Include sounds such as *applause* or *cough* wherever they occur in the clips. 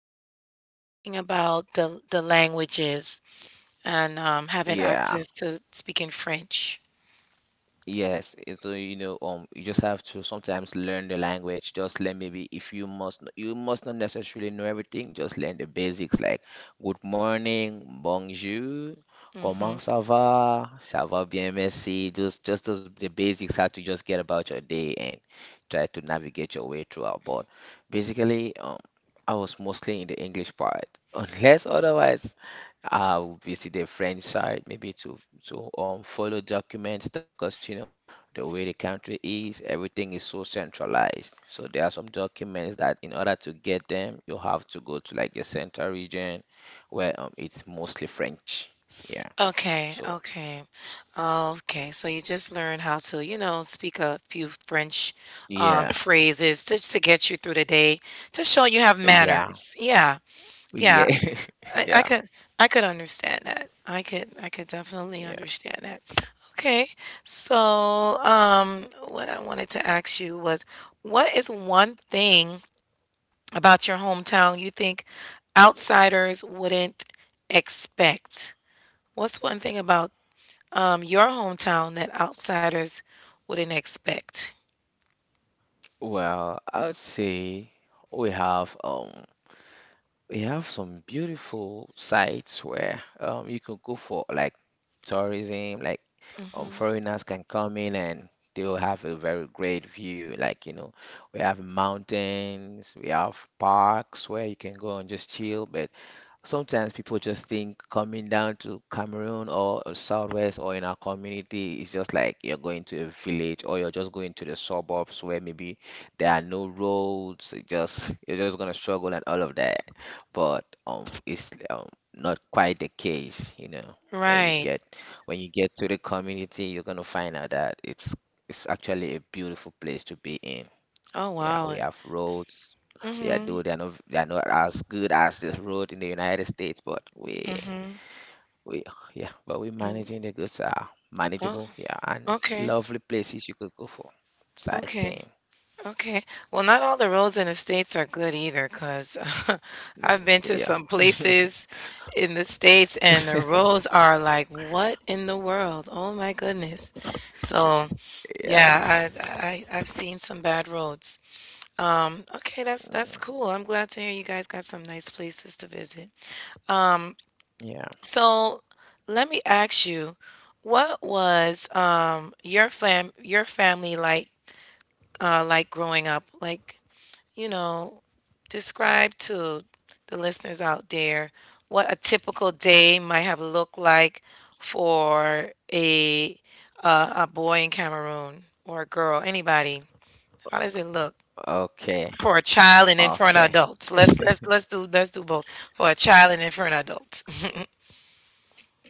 we're talking about the languages and having Yeah. access to speaking French. Yes, it's you just have to sometimes learn the language. Just learn maybe if you you must not necessarily know everything. Just learn the basics like good morning, bonjour, comment hmm ça va bien, merci. Just those the basics how to just get about your day and try to navigate your way throughout. But basically, I was mostly in the English part, *laughs* unless otherwise. I'll visit the French side maybe to follow document stuff because you know the way the country is, everything is so centralized. So there are some documents that in order to get them, you have to go to like the central region where it's mostly French. Yeah. Okay, So okay. Okay, so you just learned how to, you know, speak a few French yeah, phrases just to get you through the day, to show you have yeah, manners. Yeah, yeah. yeah, *laughs* I yeah, could I could understand that. I could definitely yeah. understand that. Okay. So, what I wanted to ask you was what is one thing about your hometown you think outsiders wouldn't expect? What's one thing about your hometown that outsiders wouldn't expect? Well, I would say we have um we have some beautiful sites where you can go for like tourism, like Mhm. foreigners can come in and they'll have a very great view. Like, we have mountains, we have parks where you can go and just chill, but sometimes people just think coming down to Cameroon or Southwest or in our community is just like you're going to a village or you're just going to the suburbs where maybe there are no roads. It just You're just gonna struggle and all of that. But it's not quite the case. When you Right. get when you get to the community, you're gonna find out that it's actually a beautiful place to be in. Oh, Yeah, wow. we have roads. Yeah, Mhm. though they're not as good as this road in the United States, but we Mhm. we yeah, but we're managing. Mm. The goods are Oh, manageable, yeah, and okay. lovely places you could go for Okay. sightseeing. Okay. Well, not all the roads in the States are good either, because *laughs* 'cause I've been Yeah. to some *laughs* places in the States and the roads are like, what in the world? Oh my goodness. So, Yeah. yeah, I I've seen some bad roads. Okay, that's Mhm. that's cool. I'm glad to hear you guys got some nice places to visit. Um, Yeah. so let me ask you, what was your family like growing up? Like you know, describe to the listeners out there what a typical day might have looked like for a a boy in Cameroon or a girl, anybody. How does it look Okay. for a child and then for an Okay. adult? Let's do both for a child and then for an adult.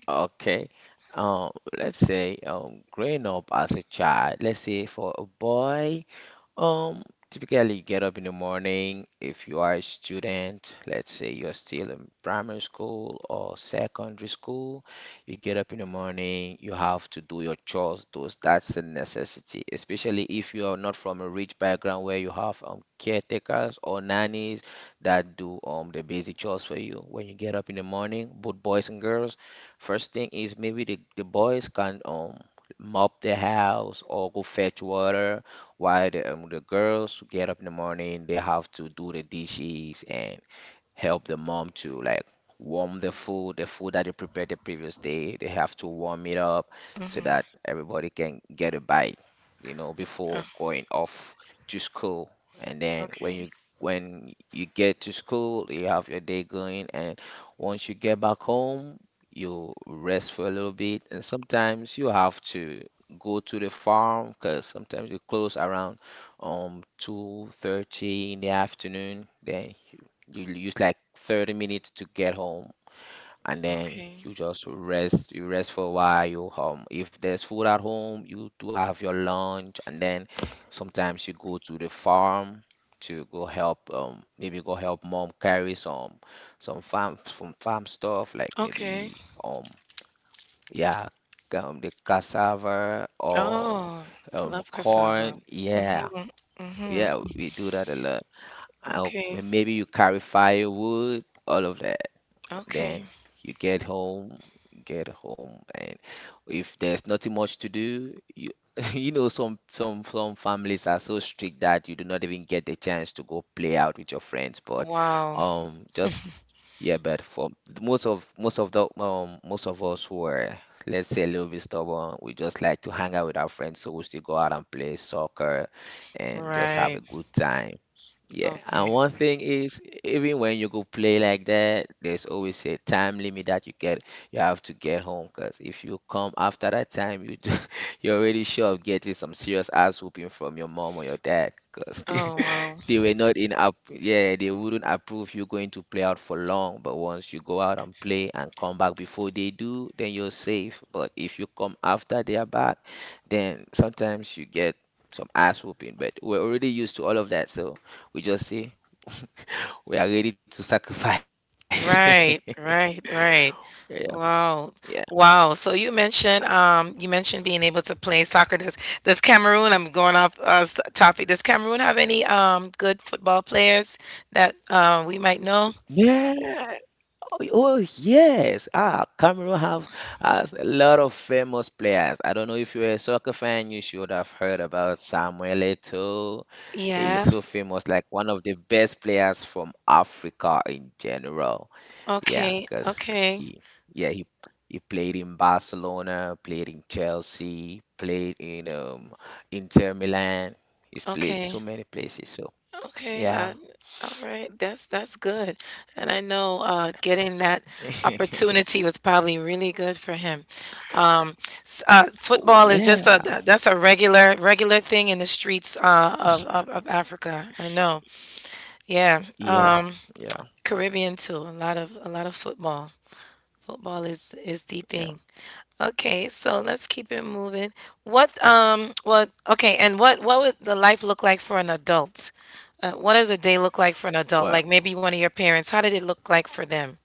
Okay. Um, let's say growing up as a child, let's say for a boy Um, typically you get up in the morning if you are a student. Let's say you're still in primary school or secondary school, you get up in the morning, you have to do your chores, those that's a necessity, especially if you are not from a rich background where you have caretakers or nannies that do the basic chores for you. When you get up in the morning, both boys and girls, first thing is maybe the boys can mop the house or go fetch water, why the girls who get up in the morning, they have to do the dishes and help the mom to like warm the food that they prepared the previous day. They have to warm it up *laughs* so that hmm everybody can get a bite, Oh, before going off to school. And then when okay. you when you get to school, you have your day going, and once you get back home, you rest for a little bit, and sometimes you have to go to the farm because sometimes you close around 2:30 in the afternoon. Then you'll use like 30 minutes to get home, and then Okay. you just rest. You rest for a while. You home. If there's food at home, you do have your lunch, and then sometimes you go to the farm to go help. Maybe go help mom carry some farm stuff like Okay. maybe um yeah, the cassava or Oh, I love cassava. corn. Yeah, Mm-hmm. Mm-hmm. yeah, we do that a lot. Okay. Maybe you carry firewood, all of that. Okay. Then you get home, and if there's nothing much to do, you *laughs* you know some families are so strict that you do not even get the chance to go play out with your friends. But Wow. Just yeah, but for most of the most of us who are, let's say, a little bit stubborn, we just like to hang out with our friends, so we still go out and play soccer and just have Right. a good time. Yeah, and Okay. one thing is, even when you go play like that, there's always a time limit that you get. You have to get home, because if you come after that time, *laughs* you're already sure of getting some serious ass whooping from your mom or your dad, because they, Oh, wow. *laughs* they were not in up. Yeah, they wouldn't approve you going to play out for long. But once you go out and play and come back before they do, then you're safe. But if you come after they are back, then sometimes you get some ass whooping. But we're already used to all of that, so. We just say we are ready to sacrifice. *laughs* Right, right, Yeah, right. yeah, Wow. Wow. So you mentioned being able to play soccer. Does Cameroon, I'm going off topic. Does Cameroon have any good football players that we might know? yeah. Oh, oh, yes. Ah, Cameroon have has a lot of famous players. I don't know if you're a soccer fan, you should have heard about Samuel Eto'o. He's Yeah. so famous, like one of the best players from Africa in general. Yeah, Okay. because Okay. he, yeah, he played in Barcelona, played in Chelsea, played in Inter Milan. He's played so Okay. many places. So Okay, yeah, uh, all right. That's good. And I know getting that opportunity was probably really good for him. Um, oh football is just a yeah, that's a regular thing in the streets of Africa. I know. Yeah. yeah, yeah, Caribbean too. A lot of football. Football is the yeah. thing. Okay, so let's keep it moving. And what would the life look like for an adult? What does a day look like for an adult? Well, Like maybe one of your parents, how did it look like for them?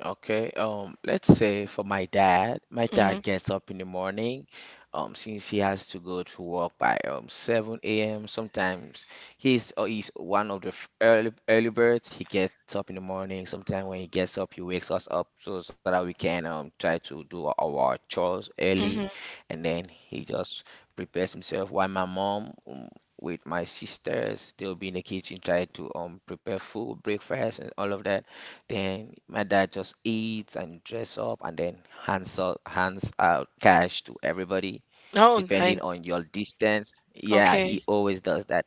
okay, let's say for my dad hmm gets up in the morning, since he has to go to work by 7 a.m. Sometimes he's one of the early birds. He gets up in the morning. Sometimes when he gets up, he wakes us up so that we can try to do our chores early, and then he just prepares himself. While my mom, with my sisters, they'll be in the kitchen trying to prepare food, breakfast, and all of that. Then my dad just eats and dress up and then hands out cash to everybody, Oh, depending nice. on your distance. Yeah, Okay. he always does that.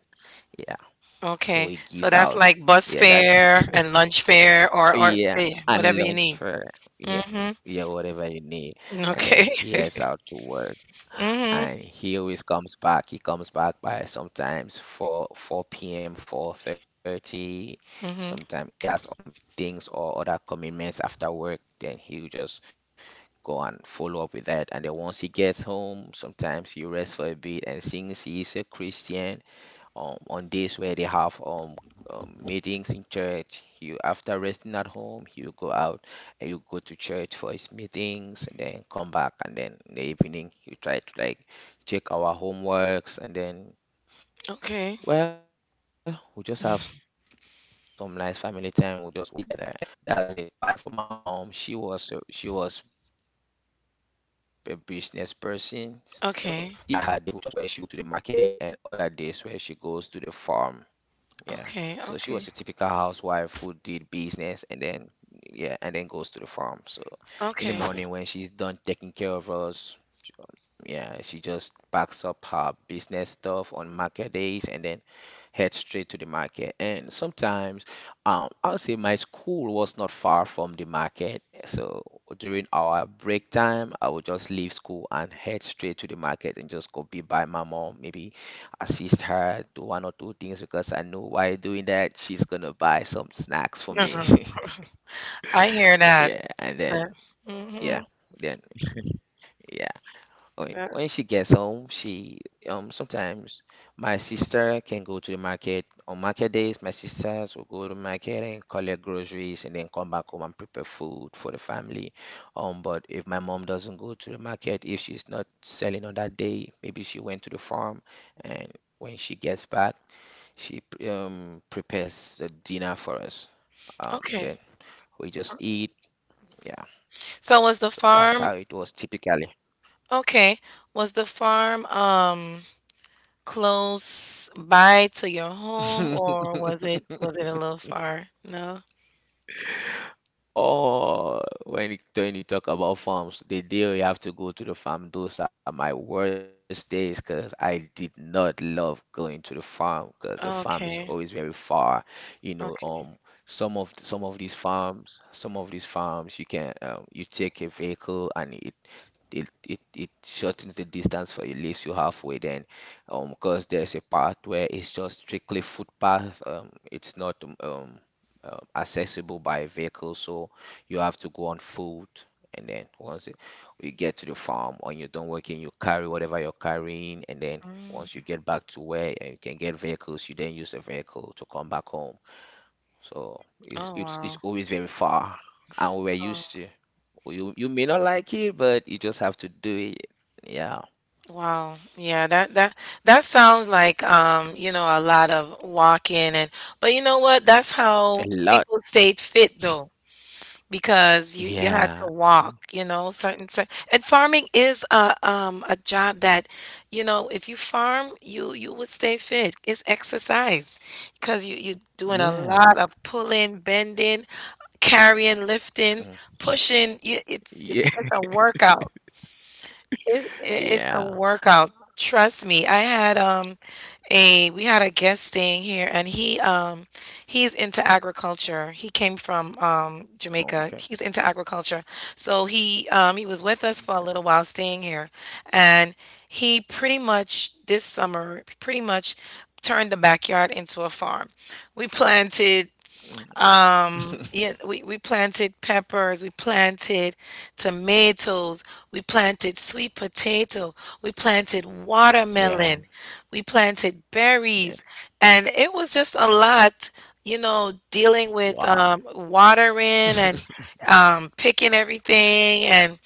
Yeah. So Okay. he So gives that's out, like bus yeah, that fare *laughs* and lunch fare or yeah, yeah, and whatever you lunch need. for, yeah, hmm yeah, whatever you need. And Okay. then he heads out to work *laughs* hmm and he always comes back. He comes back by sometimes 4 p.m., 4:30. hmm Sometimes if he has meetings or other commitments after work, then he'll just go and follow up with that. And then once he gets home, sometimes he rests for a bit. And since he is a Christian, on days where they have meetings in church. You After resting at home, you go out and you go to church for his meetings, and then come back, and then in the evening you try to like check our homeworks, and then Okay. well, we just have some nice family time. We just watch TV together, and then that's it. While for my mom, she was a business person, so she had her days Okay. where she would go to the market and other days where she goes to the farm, yeah. Okay. So she Okay. was a typical housewife who did business and then, yeah, and then goes to the farm. So in the Okay. *laughs* morning when she's done taking care of us, she- yeah, she just packs up her business stuff on market days and then head straight to the market. And sometimes, I would say my school was not far from the market. So during our break time, I would just leave school and head straight to the market and just go be by my mom, maybe assist her do one or two things, because I know while doing that, she's gonna buy some snacks for me. Uh-huh. *laughs* I hear that. Yeah, and then, That. hmm yeah, then yeah. That. When she gets home, she sometimes my sister can go to the market on market days. My sisters will go to market and collect groceries and then come back home and prepare food for the family. But if my mom doesn't go to the market, if she's not selling on that day, maybe she went to the farm and when she gets back, she prepares the dinner for us. Then Okay. we just eat. Yeah, So was the so that's how farm it was typically. okay? Was the farm close by to your home or was it was *laughs* it a little far? No? Oh, when you talk about farms, the day we have to go to the farm, those are my worst days because I did not love going to the farm because the farm is Okay. always very far. You know, um, Okay. some of these farms, you can you take a vehicle and it shortens the distance for you, leaves you halfway, then because there's a part where it's just strictly footpath. It's not accessible by vehicle, so you have to go on foot. And then you get to the farm. When you're done working, you carry whatever you're carrying, and then once you Mm. get back to where you can get vehicles, you then use the vehicle to come back home. So Oh, it's wow. always very far. And we were Oh. used to, you may not like it, but you just have to do it. Yeah. Wow. Yeah, that that sounds like you know, a lot of walking and but you know what? That's how A lot. people stayed fit though. Because you had to Yeah. walk, you know, certain and farming is a job that, you know, if you farm, you would stay fit. It's exercise because you you're doing a lot Yeah. of pulling, bending, carrying, lifting, Mm. pushing. You, it's it's Yeah. it's a *laughs* workout. It, it's a Yeah. workout. Trust me. I had a we had a guest staying here and he he's into agriculture. He came from Jamaica. He's Okay. into agriculture. So he was with us for a little while staying here and he pretty much this summer pretty much turned the backyard into a farm. We planted Mm. Yeah, we planted peppers, we planted tomatoes, we planted sweet potato, we planted Yeah. watermelon, we planted Yeah. berries, and it was just a lot, you know, dealing with Wow. Watering and picking everything and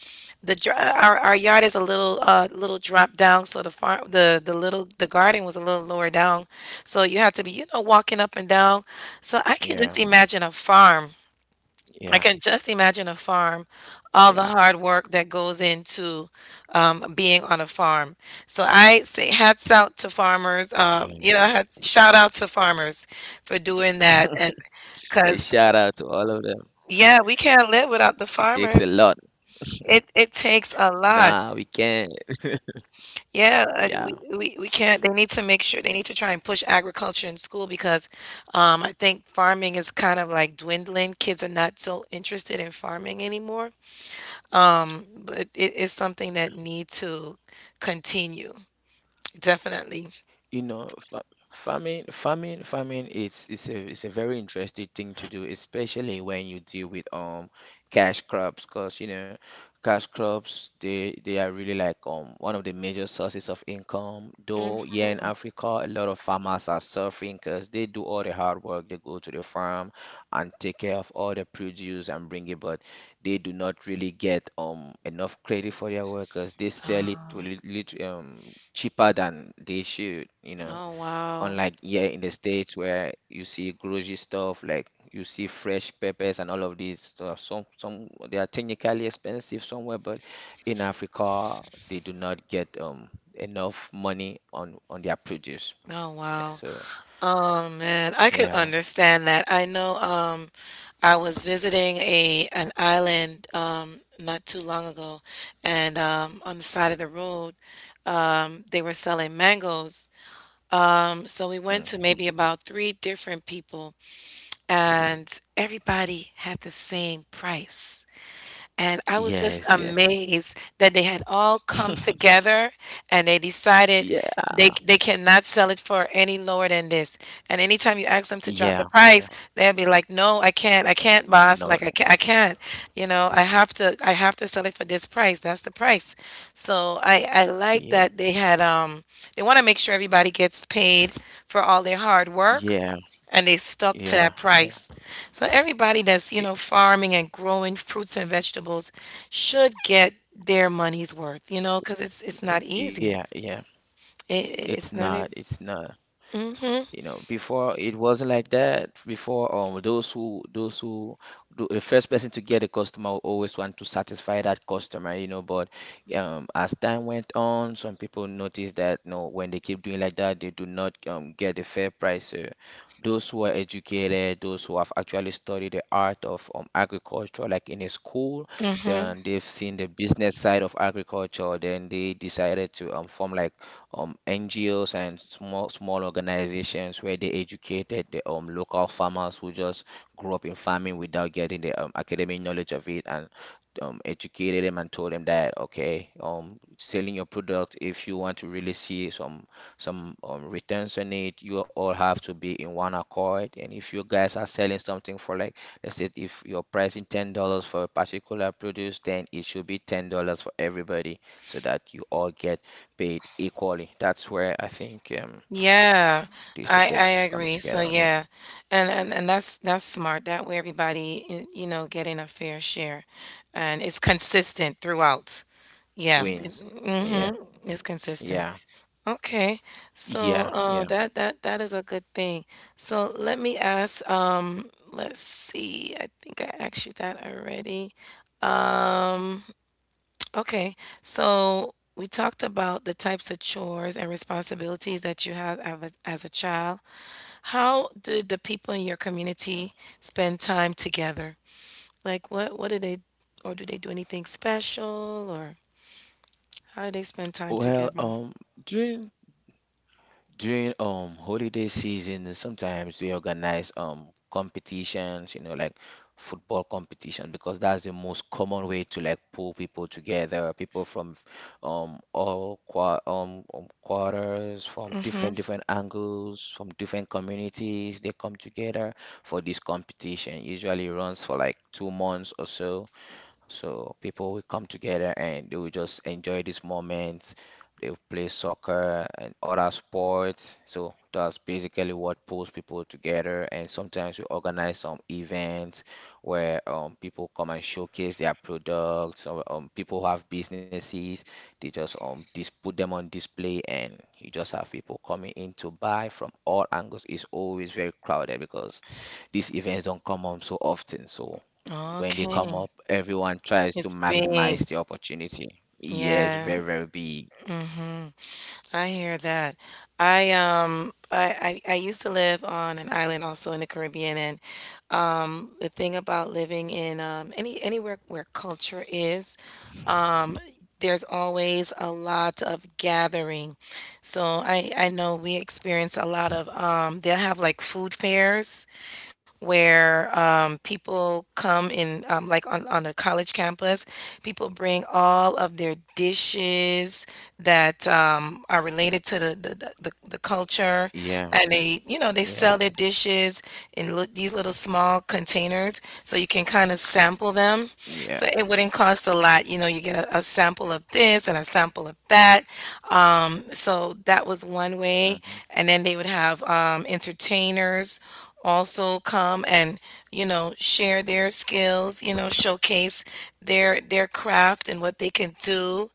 the dr- our yard is a little little drop down, so the farm the little the garden was a little lower down, so you had to be you know walking up and down. So I can Yeah. just imagine a farm. Yeah. I can just imagine a farm, all Yeah. the hard work that goes into being on a farm. So I say hats out to farmers. Yeah. Shout out to farmers for doing that, and A because shout out to all of them. yeah, we can't live without the It takes farmers. a lot. It takes a lot. Nah, we can't. Yeah, Yeah. We can't. They need to make sure they need to try and push agriculture in school because I think farming is kind of like dwindling. Kids are not so interested in farming anymore. But it is something that need to continue, definitely. You know, fa Farming, It's a very interesting thing to do, especially when you deal with cash crops, because you know, cash crops, they are really like one of the major sources of income. Mm. Though here in Africa, a lot of farmers are suffering because they do all the hard work. They go to the farm and take care of all the produce and bring it back. They do not really get enough credit for their workers. They sell it to Oh, cheaper than they should, you know. oh, wow. Unlike here in the States, where you see grocery stuff, like you see fresh peppers and all of these stuff. Some, they are technically expensive somewhere, but in Africa they do not get enough money on their produce. Oh, Yeah, wow. so Oh man, I could yeah. understand that. I know I was visiting a an island not too long ago and on the side of the road they were selling mangoes. Um, so we went to Mm. maybe about three different people and everybody had the same price. And I was just Yes, yeah. amazed that they had all come together and they decided Yeah, they cannot sell it for any lower than this. And anytime you ask them to drop the yeah, price, yeah. they'll be like, "No, I can't. I can't, boss. Like No, I can't, no. I can't. You know, I have to sell it for this price. That's the price." So I like Yeah. that they had they want to make sure everybody gets paid for all their hard work Yeah, and they stuck to that yeah, yeah. price. So everybody that's, you know, Y- farming and growing fruits and vegetables should get their money's worth, you know, because it's not Yeah, easy. yeah. It- It's it's not not. e- It's not. Mhm. You know, before it wasn't like that. Before, the first person to get a customer will always want to satisfy that customer, you know. But as time went on, some people noticed that, you know, when they keep doing like that, they do not get a fair price. So those who are educated, those who have actually studied the art of agriculture, like in a school, Mhm. then they've seen the business side of agriculture, then they decided to form like NGOs and small small organizations where they educated the local farmers who just grew up in farming without getting the academic knowledge of it, and educated them and told them that, okay, selling your product, if you want to really see some returns on it, you all have to be in one accord. And if you guys are selling something for, like, let's say if you're pricing $10 for a particular produce, then it should be $10 for everybody, so that you all get paid equally. That's where I think Yeah. these the clip I coming agree. So together on that yeah. And that's smart. That way everybody, you know, getting a fair share and it's consistent wins. throughout. Yeah, Yeah. It, yeah, mhm. It's consistent. yeah, yeah. Okay, so that is a good thing. So let me ask. Let's see. I think I asked you that already. Um, *tsk* okay, so we talked about the types of chores and responsibilities that you have as a child. How did the people in your community spend time together? Like, what do they, or do they do anything special, or how do they spend time Well, together? During during holiday season, sometimes we organize competitions, you know, like football competition, because that's the most common way to like pull people together. People from all quarters, from Mm-hmm. different different angles, from different communities, they come together for this competition. Usually runs for like 2 months or so. So people will come together and they will just enjoy this moment. They will play soccer and other sports. So that's basically what pulls people together. And sometimes we organize some events where people come and showcase their products. Or, people who have businesses, they just dis put them on display, and you just have people coming in to buy from all angles. It's always very crowded because these events don't come on so often. So when they come Okay. up, everyone tries to It's big. maximize the opportunity. Yeah, it's Yeah. very, very big. Mhm. I hear that. I I used to live on an island also in the Caribbean and the thing about living in anywhere where culture is, um there's always a lot of gathering. So I know we experience a lot of they'll have like food fairs where people come in, like on the college campus, people bring all of their dishes that are related to the, the culture. Yeah, And they, you know, they sell yeah, their dishes in these little small containers so you can kind of sample them. yeah, So it wouldn't cost a lot. You know, you get a sample of this and a sample of that. So that was one way. hmm, And then they would have entertainers also come and you know share their skills, you know, showcase their craft and what they can do.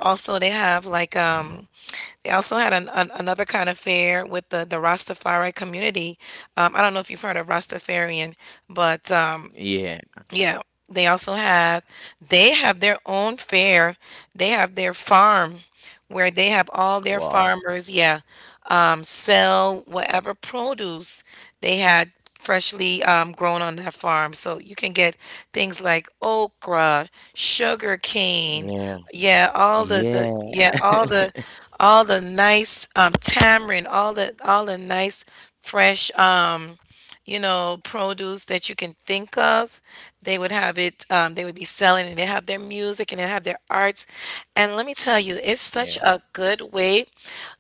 Also they have like they also had an, another kind of fair with the Rastafari community. Um, I don't know if you've heard of Rastafarian, but um, yeah. yeah, they also have they have their own fair. They have their farm where they have all their Wow. farmers, yeah, sell whatever produce they had freshly grown on that farm. So you can get things like okra, sugar cane, Yeah, yeah, all the yeah, yeah, all the nice tamarind, all the nice fresh you know, produce that you can think of. They would have it, they would be selling and they have their music and they have their arts. And let me tell you, it's such yeah, a good way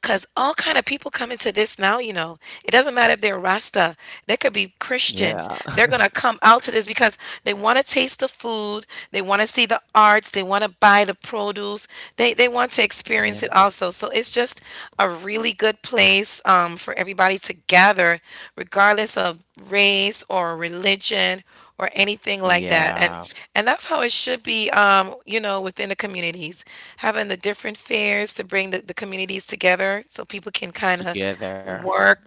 because all kind of people come into this now, you know. It doesn't matter if they're Rasta, they could be Christians. yeah, They're gonna come out to this because they want to taste the food, they want to see the arts, they want to buy the produce. They want to experience it yeah, also. So it's just a really good place for everybody to gather, regardless of race or religion or anything like that. Yeah. And that's how it should be. You know, within the communities, having the different fairs to bring the communities together, so people can kind of Together. work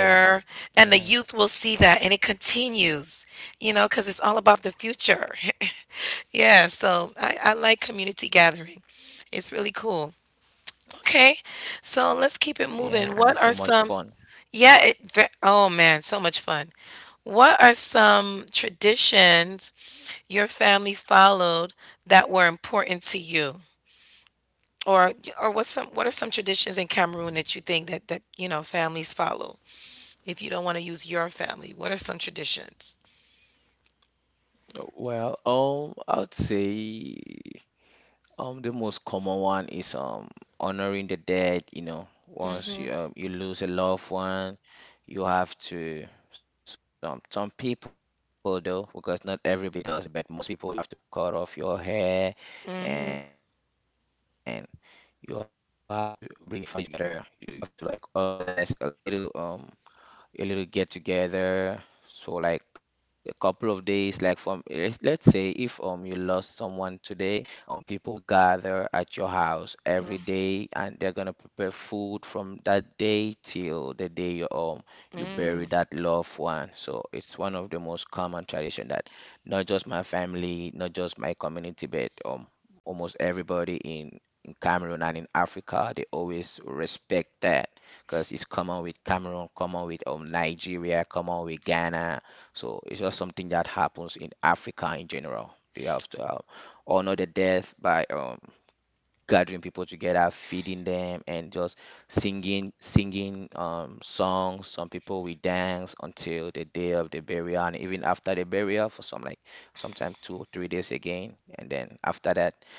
Yeah, and the yeah, youth will see that, and it continues. You know, because it's all about the future. *laughs* Yeah, so I like community gathering. It's really cool. Okay, so let's keep it yeah. And moving. it's so What much are fun. some, yeah, oh man, so much fun. What are some traditions your family followed that were important to you? Or what are some traditions in Cameroon that you think that families follow? If you don't want to use your family, what are some traditions? Well, I would say. The most common one is honoring the dead, you know. Once Mm-hmm. you you lose a loved one, you have to, some people though, because not everybody does it, but most people, you have to cut off your hair and Mm-hmm. you have to bring your family together. You have to like organize a little get together. So like a couple of days, like from let's say if you lost someone today, people will gather at your house every Mm-hmm. day and they're gonna prepare food from that day till the day you you Mm. bury that loved one. So it's one of the most common tradition that not just my family, not just my community, but almost everybody in Cameroon and in Africa, they always respect that, because it's common with Cameroon, common with Nigeria, common with Ghana. So it's just something that happens in Africa in general. They have to honor the death by gathering people together, feeding them, and just singing singing songs. Some people will dance until the day of the burial, and even after the burial for some, like sometimes 2 or 3 days again. And then after that,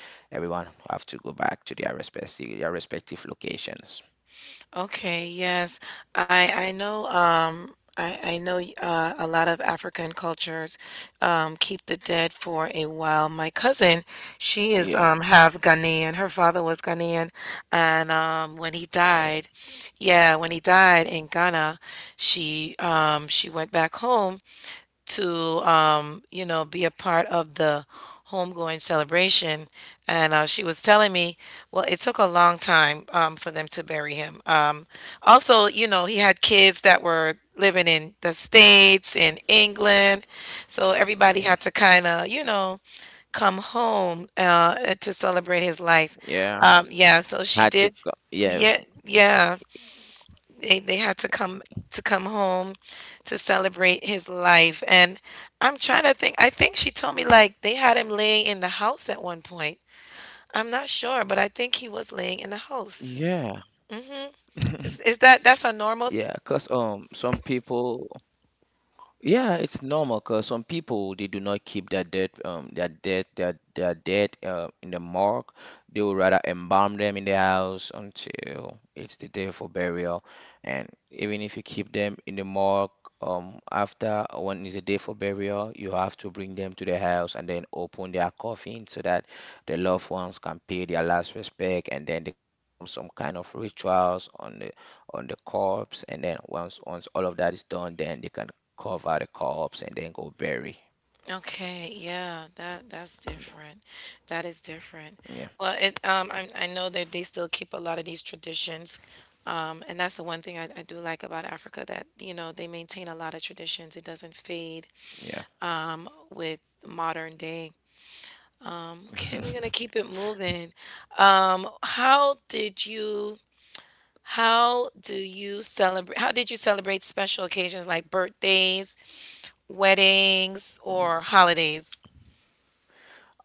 everyone have to go back to their respective locations. Okay, yes. I know I know a lot of African cultures keep the dead for a while. My cousin, she is Yeah. half Ghanaian. Her father was Ghanaian, and when he died, yeah, when he died in Ghana, she went back home to you know, be a part of the homegoing celebration, and she was telling me, well, it took a long time, for them to bury him. Also, you know, he had kids that were living in the Yeah, states, in England, so everybody had to kind of, you know, come home, yeah. To celebrate his Had to life. go. Yeah, Yeah, so she did. Yeah, yeah, they had to come home to celebrate his life. And I'm trying to think. I think she told me like they had him laying in the house at one point. I'm not sure, but I think he was laying in the house. yeah, Hmm. Is that's a normal? yeah. Cause some people. Yeah, it's normal, because some people they do not keep their dead their dead their dead in the morgue. They would rather embalm them in the house until it's the day for burial. And even if you keep them in the morgue, after, when it's the day for burial, you have to bring them to the house and then open their coffin so that the loved ones can pay their last respect, and then they can perform some kind of rituals on the corpse. And then once all of that is done, then they can carve out the carbs and then go bury. Okay, yeah, that's different. That is different. Yeah, Well, it I know that they still keep a lot of these traditions. And that's the one thing I do like about Africa, that, you know, they maintain a lot of traditions. It doesn't fade. With modern day. Okay, yeah. we're gonna *laughs* keep it moving. Um, how did you how did you celebrate special occasions like birthdays, weddings, or holidays?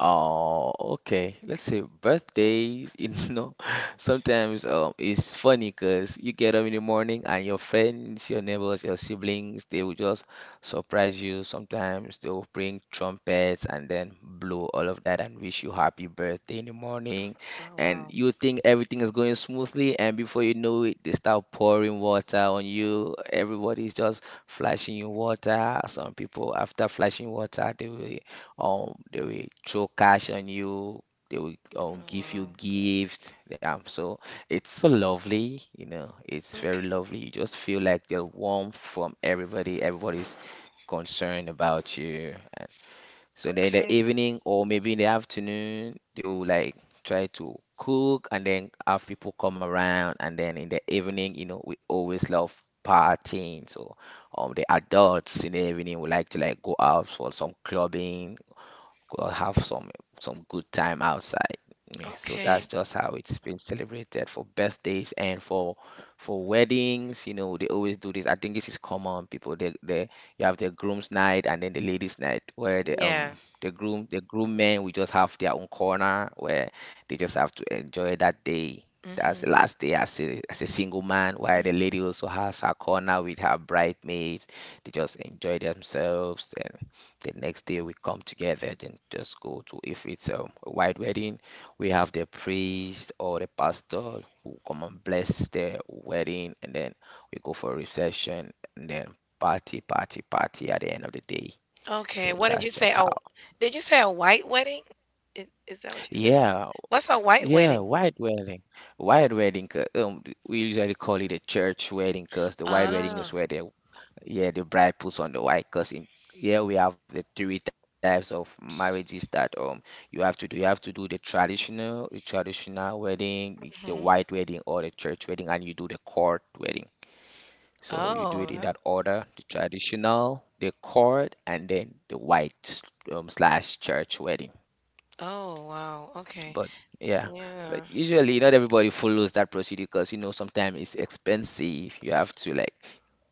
Oh, okay. Let's say birthdays, *laughs* you know, sometimes it's funny, because you get up in the morning and your friends, your neighbors, your siblings, they will just surprise you. Sometimes they will bring trumpets and then blow all of that and wish you happy birthday in the morning. Oh, And wow. you think everything is going smoothly, and before you know it, they start pouring water on you. Everybody's just flashing you water. Some people, after flashing water, they will throw cash on you. They will Oh, give you wow. gifts. Yeah, so it's so lovely, you know. It's very Okay. lovely. You just feel like the warmth from everybody. Everybody's concerned about you. And so then in Okay. the evening, or maybe in the afternoon, they will like try to cook and then have people come around. And then in the evening, you know, we always love partying. So the adults in the evening would like to like go out for some clubbing, go have some good time outside. Yeah, so that's Okay. just how it's been celebrated for birthdays and for weddings. You know, they always do this. I think this is common. People, they you have the groom's night and then the ladies' night, where the Yeah. The groom men will just have their own corner, where they just have to enjoy that day. That's the Mhm. last day as a single man, while the Mhm. lady also has her corner with her bridesmaids. They just enjoy themselves. The next day we come together, then just go to, if it's a white wedding, we have the priest or the pastor who come and bless the wedding, and then we go for a reception, and then party, party, party at the end of the day. So Okay. What did that's you say? just Oh, how. did you say a white wedding? Is that what you said? Yeah, What's a white yeah, wedding? white wedding, white wedding 'cause, we usually call it a church wedding, because the white wedding Ah. is where the, yeah, the bride puts on the white, because in here we have the three types of marriages that you have to do. You have to do the traditional wedding, the white Mhm. wedding or the church wedding, and you do the court wedding. So you do it in that Oh. order: the traditional, the court, and then the white slash church wedding. Oh, wow. Okay. But yeah, but Yeah. usually not everybody follows that procedure, because you know, sometimes it's expensive. You have to like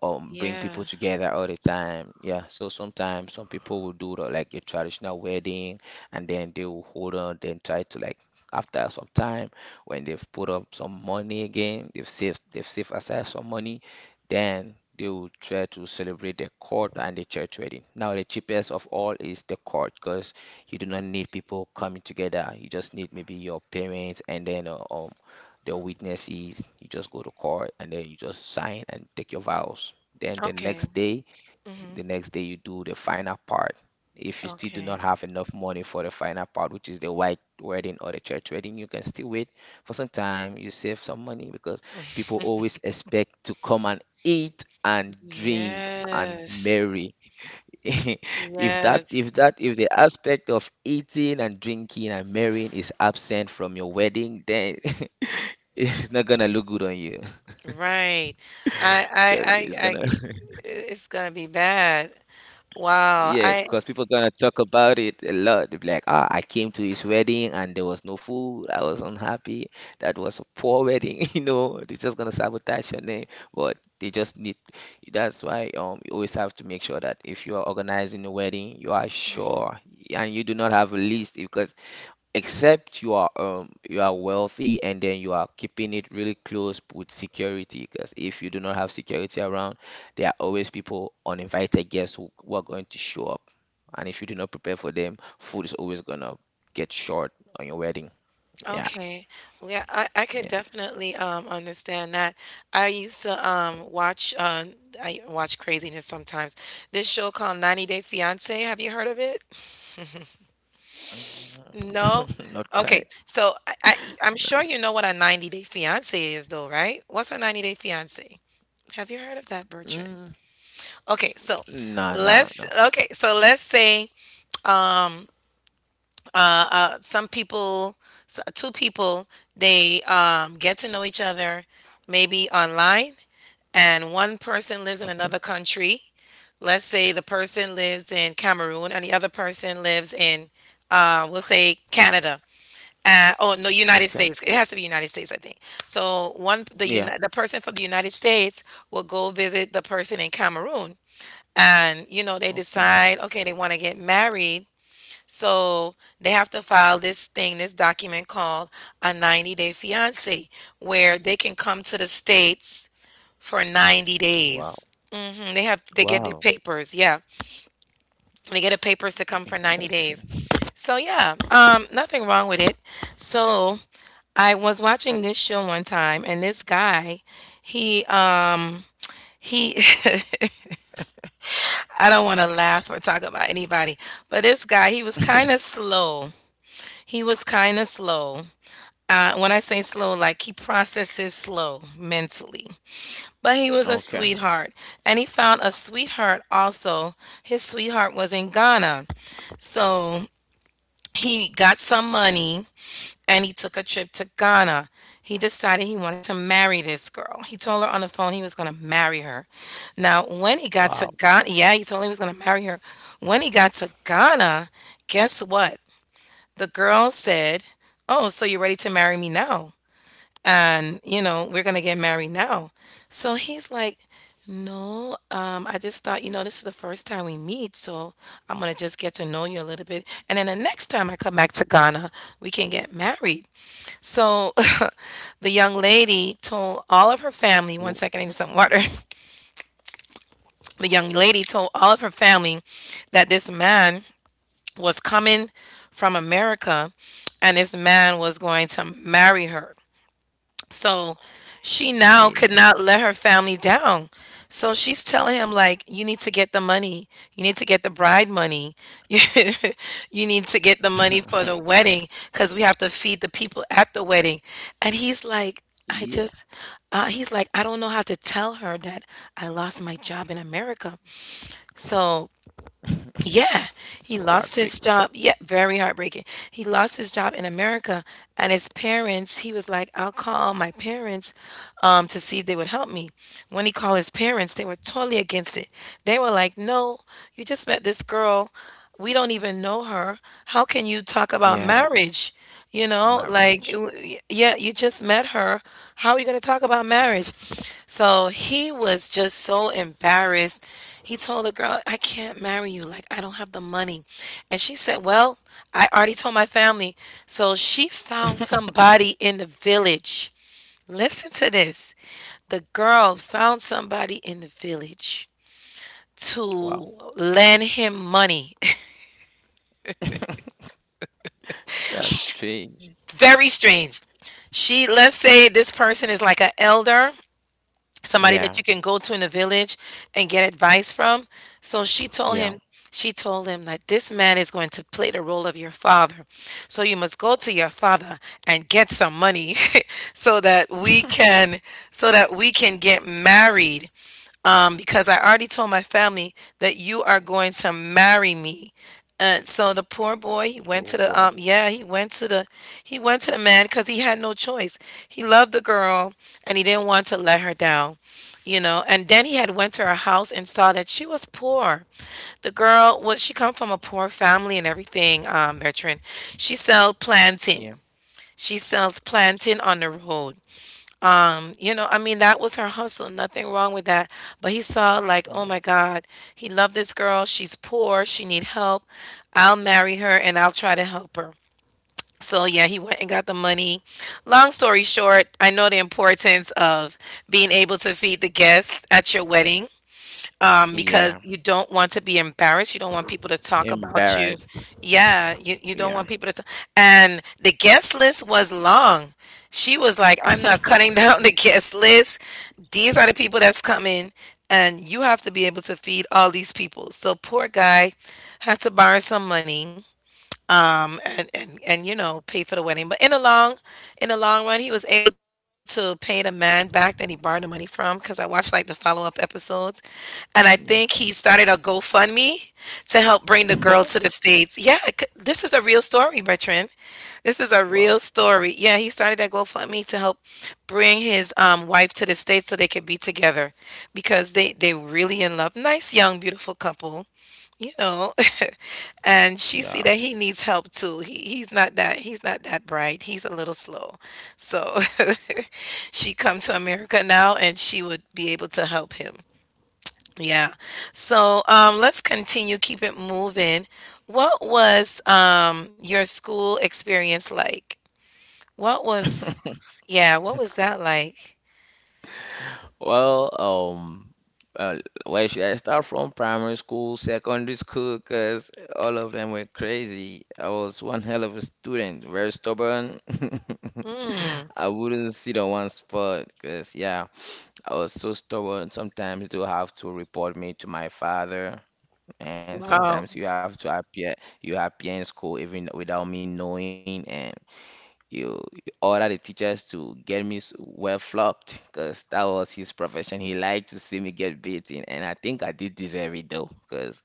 bring Yeah. people together all the time. Yeah, so sometimes some people will do the, like a traditional wedding, and then they will hold on, then try to like, after some time, when they've put up some money again, they've saved aside some money, then they will try to celebrate the court and the church wedding. Now the cheapest of all is the court, because you do not need people coming together. You just need maybe your parents and then their witnesses. You just go to court and then you just sign and take your vows. Then Okay. Hmm. the next day you do the final part. If you still do Okay. not have enough money for the final part, which is the white wedding or the church wedding, you can still wait for some time. You save some money because *laughs* people always expect to come and eat and drink and Yes. marry. *laughs* Yes. If the aspect of eating and drinking and marrying is absent from your wedding, then *laughs* it's not gonna look good on you. Right. I, 'Cause I, it's I, I, gonna, g- *laughs* it's gonna be bad. Wow. yeah, I. because people gonna talk about it a lot. They'll be like, ah, I came to his wedding and there was no food. I was unhappy. That was a poor wedding. *laughs* You know, they're just gonna sabotage your name. But they just need. That's why you always have to make sure that if you are organizing a wedding, you are Mhm. sure and you do not have a list, because except you are wealthy and then you are keeping it really close with security, because if you do not have security around, there are always people, uninvited guests, who are going to show up, and if you do not prepare for them, food is always gonna get short on your wedding. Yeah. Okay. Yeah, I could Yeah. definitely understand that. I used to watch I watch craziness sometimes. This show called 90 Day Fiance. Have you heard of it? No? Mm, *laughs* not quite. Okay. I'm sure you know what a 90-day fiance is, though, right? What's a 90-day fiance? Have you heard of that, Bertrand? Mm. Okay, so No, no, no. Let's say, uh, uh, some people, s two people, they get to know each other, maybe online, and one person lives in Okay. another country. Let's say the person lives in Cameroon and the other person lives in, we'll say, Canada. Oh no, United Okay. States. It has to be United States, I think. So Yeah. The person from the United States will go visit the person in Cameroon, and, you know, they Okay. decide, okay, they want to get married, so they have to file this thing, this document called a 90-day fiance, where they can come to the states for 90 Wow. days. Hmm. They get their Wow. papers, yeah. They get the papers to come for 90 Interesting. days. So yeah, nothing wrong with it. So I was watching this show one time, and this guy, he um he *laughs* I don't want to laugh or talk about anybody, but this guy, he was kind of *laughs* slow. He was kind of slow. When I say slow, like, he processes slow mentally. But he was a Okay. sweetheart, and he found a sweetheart also. His sweetheart was in Ghana, so he got some money and he took a trip to Ghana. He decided he wanted to marry this girl. He told her on the phone he was going to marry her. Now, when he got to Wow. Ghana, yeah, he told her he was going to marry her. When he got to Ghana, guess what? The girl said, "Oh, so you're ready to marry me now? And, you know, we're going to get married now." So he's like, "No, I just thought, you know, this is the first time we meet, so I'm gonna just get to know you a little bit. And then the next time I come back to Ghana, we can get married." So *laughs* the young lady told all of her Wo- family, one second, I need some water. *laughs* The young lady told all of her family that this man was coming from America and this man was going to marry her. So she now yeah. could not let her family down. So she's telling him, like, you need to get the money. You need to get the bride money. *laughs* You need to get the money for *laughs* the wedding, cuz we have to feed the people at the wedding. And he's like, Yeah. "I just he's like I don't know how to tell her that I lost my job in America." So *laughs* yeah, So he lost heartbreaking. his job. Yeah, very heartbreaking. He lost his job in America, and his parents, he was like, "I'll call my parents to see if they would help me." When he called his parents, they were totally against it. They were like, "No, you just met this girl. We don't even know her. How can you talk about Yeah, marriage?" You know, like, marriage. Yeah, you just met her. How are you going to talk about marriage? So he was just so embarrassed. He told the girl, "I can't marry you. Like, I don't have the money." And she said, "Well, I already told my family." So she found *laughs* somebody in the village. Listen to this. The girl found somebody in the village to Wow. lend him money. *laughs* That's strange. *laughs* Very strange. She, let's say, this person is like an elder, somebody that Yeah, you can go to in the village and get advice from. So yeah. She told him that this man is going to play the role of your father. So you must go to your father and get some money *laughs* so that we *laughs* can get married, because I already told my family that you are going to marry me. And so the poor boy, he Oh went boy. to the he went to the man because he had no choice. He loved the girl, and he didn't want to let her down, you know. And then he had went to her house and saw that she was poor. The girl was, she come from a poor family and everything. Bertrand, she sells Yeah. plantain. She sells plantain on the road. You know, I mean, that was her hustle. Nothing wrong with that. But he saw, like, oh Mm. my God, he loved this girl. She's poor. She need help. I'll marry her and I'll try to help her. So yeah, he went and got the money. Long story short, I know the importance of being able to feed the guests at your wedding, Yeah. because you don't want to be embarrassed. You don't want people to talk about Embarrassed. you. Yeah, you Yeah. don't want people to. And the guest list was long. She was like, "I'm not *laughs* cutting *laughs* down the guest list. These are the people that's coming, and you have to be able to feed all these people." So, poor guy had to borrow some money, and, and you know, pay for the wedding. But in the long run, he was able to pay the man back that he borrowed the money from, because I watched like the follow up episodes, and I think he Okay. started a GoFundMe to help bring the girl to the *laughs* states. Yeah, this is a real story, Bertrand. This is a Wow. real Wow. story. Yeah, he started that GoFundMe to help bring his wife to the states so they could be together because they really in love. Nice young beautiful couple, you know, *laughs* and she see No. that he needs help too. He's not that bright, he's a little slow, so *laughs* she come to America now and she would be able to help him. Yeah. So let's continue, keep it moving. What was your school experience like? What was *laughs* Yeah, what was that like? Well, um, uh, where should I start from? Primary school, secondary school, because all of them were crazy. I was one hell of a student, very stubborn. Mm. *laughs* I wouldn't sit on one spot because, yeah, I was so stubborn. Sometimes you have to report me to my father, and Wow. sometimes you appear in school even without me knowing, and you order the teachers to get me well flogged, because that was his profession. He liked to see me get beaten, and I think I did deserve it though, because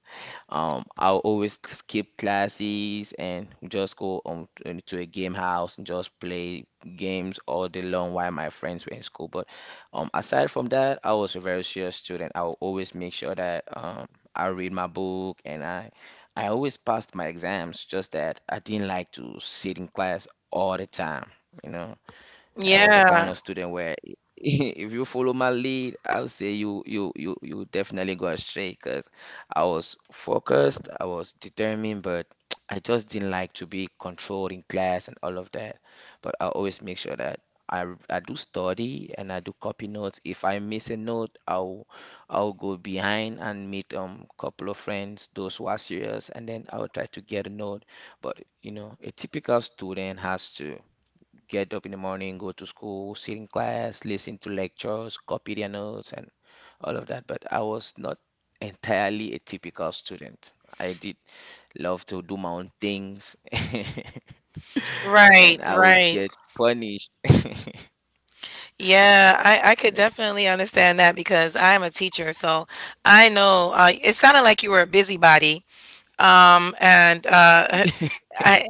I'll always skip classes and just go to a game house and just play games all day long while my friends were in school. But aside from that, I was a very serious student. I will always make sure that I read my book, and I always passed my exams, just that I didn't like to sit in class all the time, you know. I was a kind Yeah. of student where, *laughs* if you follow my lead, I'll say you definitely go astray, because I was focused, I was determined, but *tsk* I just didn't like to be controlled in class and all of that. But I always make sure that I do study and I do copy notes. If I miss a note, I'll go behind and meet couple of friends, those who are serious, and then I'll try to get a note. But you know, a typical student has to get up in the morning, go to school, sit in class, listen to lectures, copy their notes, and all of that. But I was not entirely a typical student. I did love to do my own things, *laughs* and I would Right. get punished. *laughs* Yeah, I could definitely understand that because I am a teacher, so I know, it sounded like you were a busybody. And I, I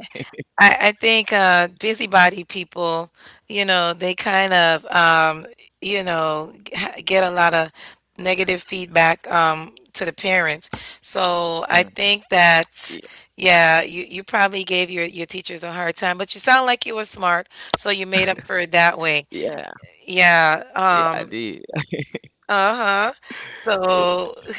I think, busybody people, you know, they kind of, you know, get a lot of negative feedback, to the parents. So Mm. I think that. Yeah, you probably gave your teachers a hard time, but you sound like you were smart, so you made up for it that way. Yeah, Yeah, yeah, I um, did. uh-huh. So, *laughs*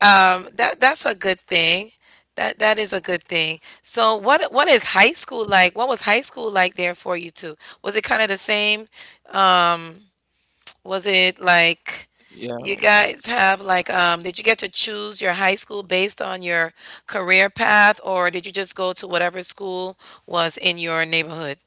that that's a good thing. That is a good thing. So, what is high school like? What was high school like there for you too? Was it kind of the same? Um, was it like Yeah. you guys have like did you get to choose your high school based on your career path, or did you just go to whatever school was in your neighborhood?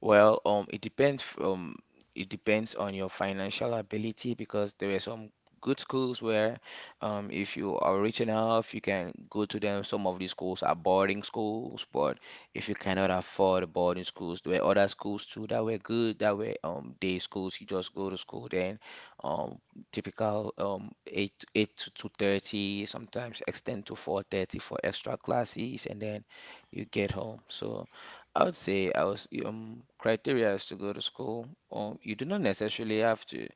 Well, it depends. It depends on your financial ability, because there are some good schools where, if you are rich enough, you can go to them. Some of these schools are boarding schools, but if you cannot afford boarding schools, there were other schools too that were good, that were day schools. You just go to school then, um, typical eight to two thirty, sometimes extend to 4:30 for extra classes, and then you get home. So. I would say I was criteria is to go to school. You do not necessarily have to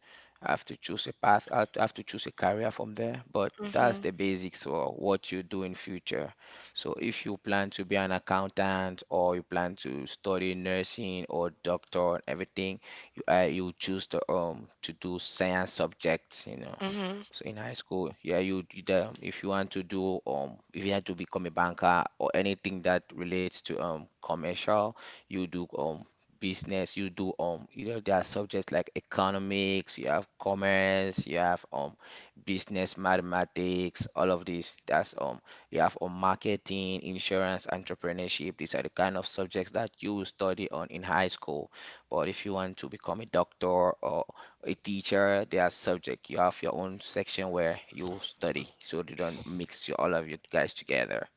have to choose a path, have to choose a career from there, but that's Mhm. the basics for what you do in future. So if you plan to be an accountant, or you plan to study nursing or doctor and everything, you choose to do science subjects. Mhm. So in high school, yeah, if you want to do if you had to become a banker, or anything that relates to commercial, you do business, you know there are subjects like economics, you have commerce, you have business mathematics, all of this. That's you have marketing, insurance, entrepreneurship. These are the kind of subjects that you will study on in high school. But if you want to become a doctor or a teacher, they are subject. You have your own section where you study, so they don't mix you all of you guys together.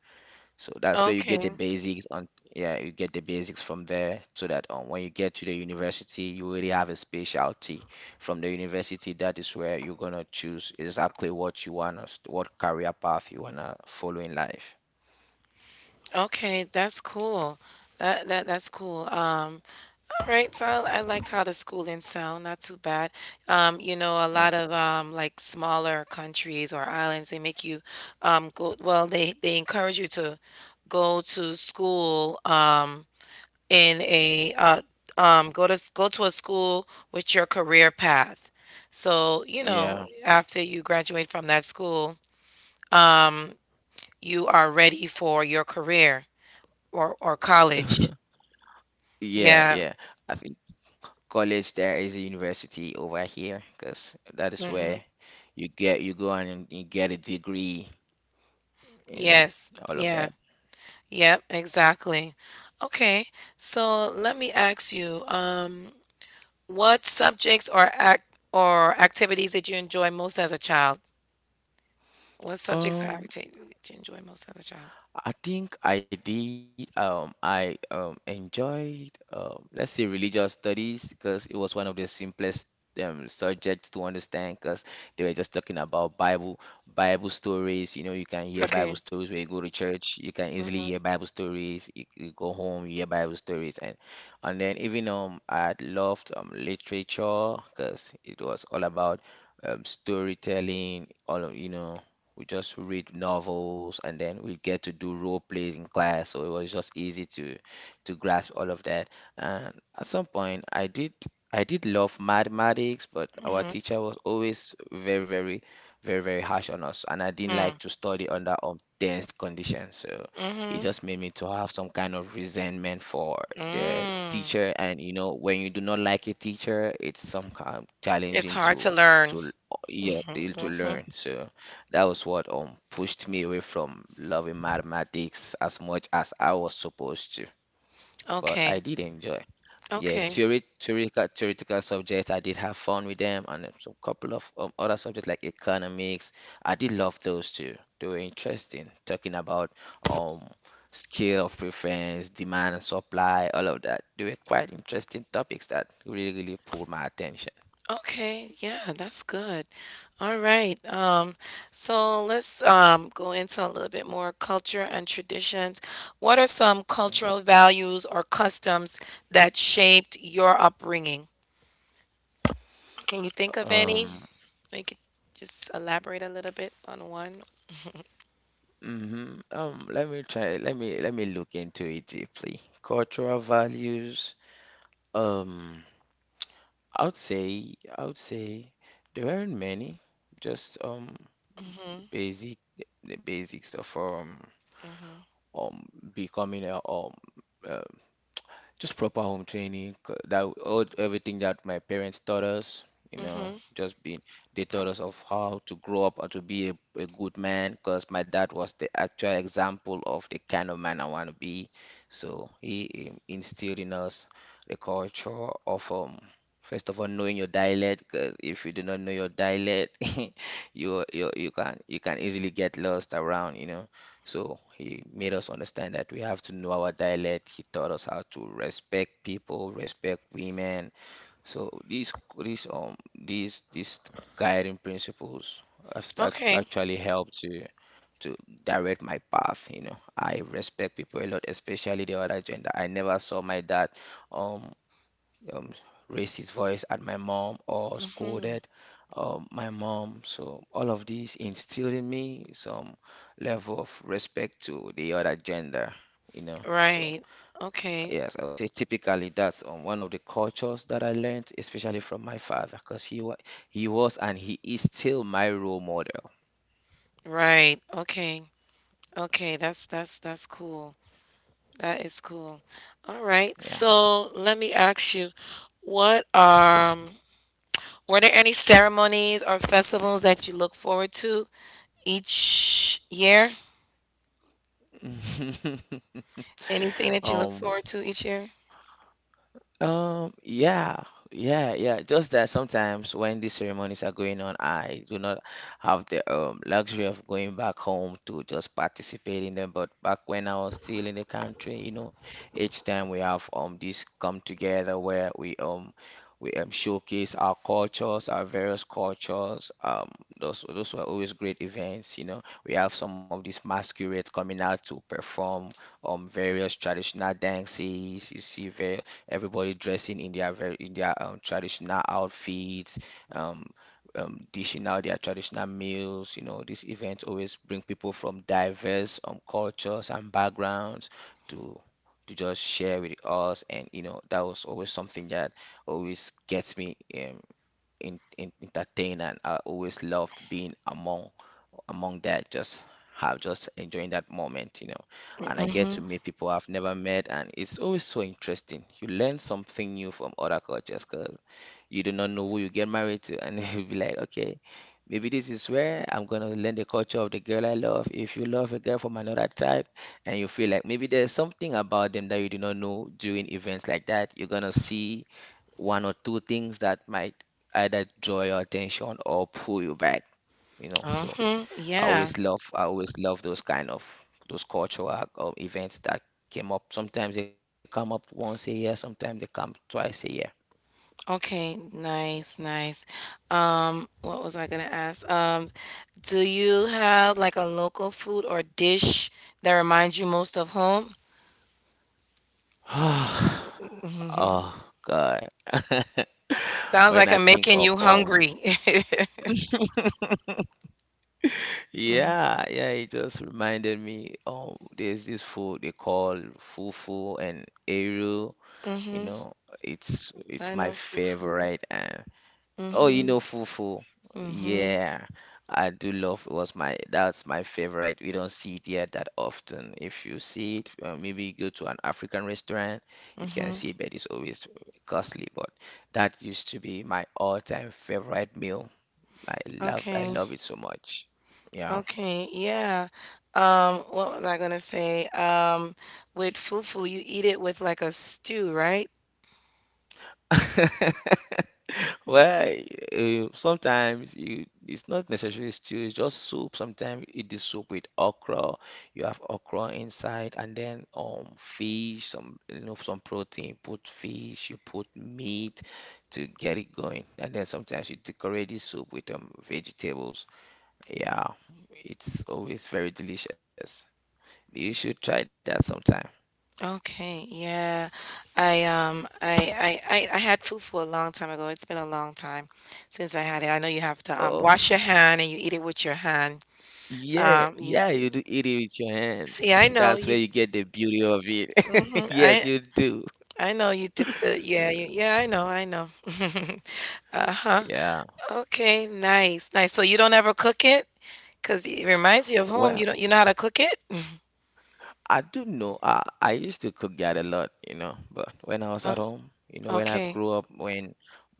So that's where you get the Okay. basics on, yeah, you get the basics from there, so that when you get to the university, you already have a specialty. From the university, that is where you're gonna choose exactly what you wanna, what career path you wanna follow in life. Okay, that's cool. That's cool. All right, so I liked how the schooling sound, not too bad. You know, a Mm. lot of like smaller countries or islands, they make you go. Well, they encourage you to go to school in a go to a school with your career path. So you know, Yeah, after you graduate from that school, um, you are ready for your career or college. yeah, Yeah. yeah. I think. College there is a university over here, because that is hmm where you go and you get a degree in Yes. all of that. Yeah. Yep, exactly. Okay, so let me ask you, what subjects or activities did you enjoy most as a child? What subjects or Um, activities did you enjoy most as a child? I think I did. I enjoyed, let's say, religious studies, because it was one of the simplest subjects to understand, because they were just talking about Bible, Bible stories. You know, you can hear Bible Okay. stories when you go to church. You can easily Mm-hmm. hear Bible stories. You go home, you hear Bible stories, and then even I loved literature, because it was all about storytelling. All of you know. We just read novels and then we get to do role plays in class. So it was just easy to grasp all of that. And at some point, I did love mathematics, but our Mm-hmm. teacher was always very, very, very, very harsh on us, and I didn't like to study under intense conditions. So it Mm-hmm. just made me to have some kind of resentment for the Mm. teacher. And you know, when you do not like a teacher, it's some kind of It's challenging hard to to learn. to yeah, Mm-hmm. to Mm-hmm. learn. So. That was what pushed me away from loving mathematics as much as I was supposed to, but I Okay. did enjoy. Yeah, Okay. theoretical subjects, I did have fun with them, and a couple of other subjects like economics. I did love those too. They were interesting, talking about um scale of preference, demand and supply, all of that. They were quite interesting topics that really, really pulled my attention. Okay, yeah, that's good. All right. So let's go into a little bit more culture and traditions. What are some cultural values or customs that shaped your upbringing? Can you think of any? Um, You could just elaborate a little bit on one. let me try. let me look into it deeply. Cultural values. Um, I would say there aren't many. Just Mm-hmm. basic the basics of Mm-hmm. um becoming a uh, just proper home training. 'Cause That all everything that my parents taught us, you know, Mm-hmm. just being they taught us of how to grow up and to be a good man. Because my dad was the actual example of the kind of man I want to be. So he instilled in us the culture of. First of all, knowing your dialect, because if you do not know your dialect, *laughs* you can easily get lost around. So he made us understand that we have to know our dialect. He taught us how to respect people, respect women. So these guiding principles have Okay. actually helped to direct my path. You know, I respect people a lot, especially the other gender. I never saw my dad um um, raised his voice at my mom or Mm-hmm. scolded my mom. So all of these instilled in me some level of respect to the other gender. So Right. Okay. yes, I would say typically that's one of the cultures that I learned, especially from my father, because he was and he is still my role model. Right. Okay. Okay. That's cool. That is cool. All right. Yeah. So let me ask you, what were there any ceremonies or festivals that you look forward to each year? *laughs* Anything that you look Um, forward to each year? yeah, yeah, yeah. Just that sometimes when these ceremonies are going on, I do not have the luxury of going back home to just participate in them. But back when I was still in the country, you know, each time we have this come together where we showcase our cultures, our various cultures. Those were always great events. We have some of these masquerades coming out to perform various traditional dances. You see various everybody dressing in their traditional outfits, um, dishing out their traditional meals. You know, these events always bring people from diverse cultures and backgrounds to to just share with us, and that was always something that always gets me. Entertained, and I always loved being among that, just have just enjoying that moment, you know, and I get Mm-hmm. to meet people I've never met, and it's always so interesting. You learn something new from other cultures because you do not know who you get married to, and *laughs* you'll be like, okay, maybe this is where I'm gonna learn the culture of the girl I love. If you love a girl from another tribe and you feel like maybe there's something about them that you do not know, during events like that you're gonna see one or two things that might either draw your attention or pull you back, you know. So Uh-huh. Yeah. I always love those kind of those cultural events that came up. Sometimes they come up once a year, sometimes they come twice a 1 year. Okay. Nice, nice. What was I gonna ask? Do you have like a local food or dish that reminds you most of home? *sighs* Oh God. *laughs* Sounds When like I I'm think making of you hungry. *laughs* yeah, yeah, it just reminded me, there's this food they call fufu and eru. You Mm-hmm. know, it's I my know fufu. favorite. And oh, you Mhm, know, fufu. mhm, Yeah, I do love. It was my that's my favorite. We don't see it here that often. If you see it, maybe you go to an African restaurant, you can mhm. see it, but it's always costly. But that used to be my all-time favorite meal. I Okay, love it so much. Yeah. okay, yeah. What was I gonna say? With fufu, you eat it with like a stew, right? *laughs* Well, sometimes it's not necessarily stew, it's just soup. Sometimes it is soup with okra. You have okra inside, and then fish, some, you know, some protein. Put fish, you put meat to get it going, and then sometimes you decorate the soup with vegetables. Yeah, it's always very delicious. You should try that sometime. Okay, yeah. I had fufu a long time ago. It's been a long time since I had it. I know you have to Oh. Wash your hand and you eat it with your hand. Yeah, Um, you yeah, you d- do eat it with your hands. See, I *laughs* know That's where you. you get the beauty of it. Hmm *laughs* Yes, you do. I know you dip the yeah you, yeah I know I know. *laughs* Uh-huh. Yeah. Okay, nice, nice. So you don't ever cook it, cause it reminds you of home. You Well, don't you know how to cook it? I do know. I used to cook that a lot, you know. But when I was Uh, at home, you know, when I okay. grew up, when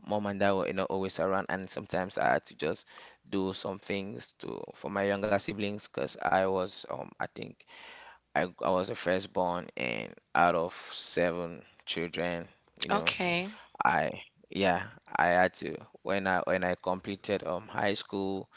mom and dad were, you know, always around, and sometimes I had to just do some things to for my younger siblings, because I was, I think I was the firstborn, and out of seven children, you know, Okay. I yeah, I had to. When I completed high school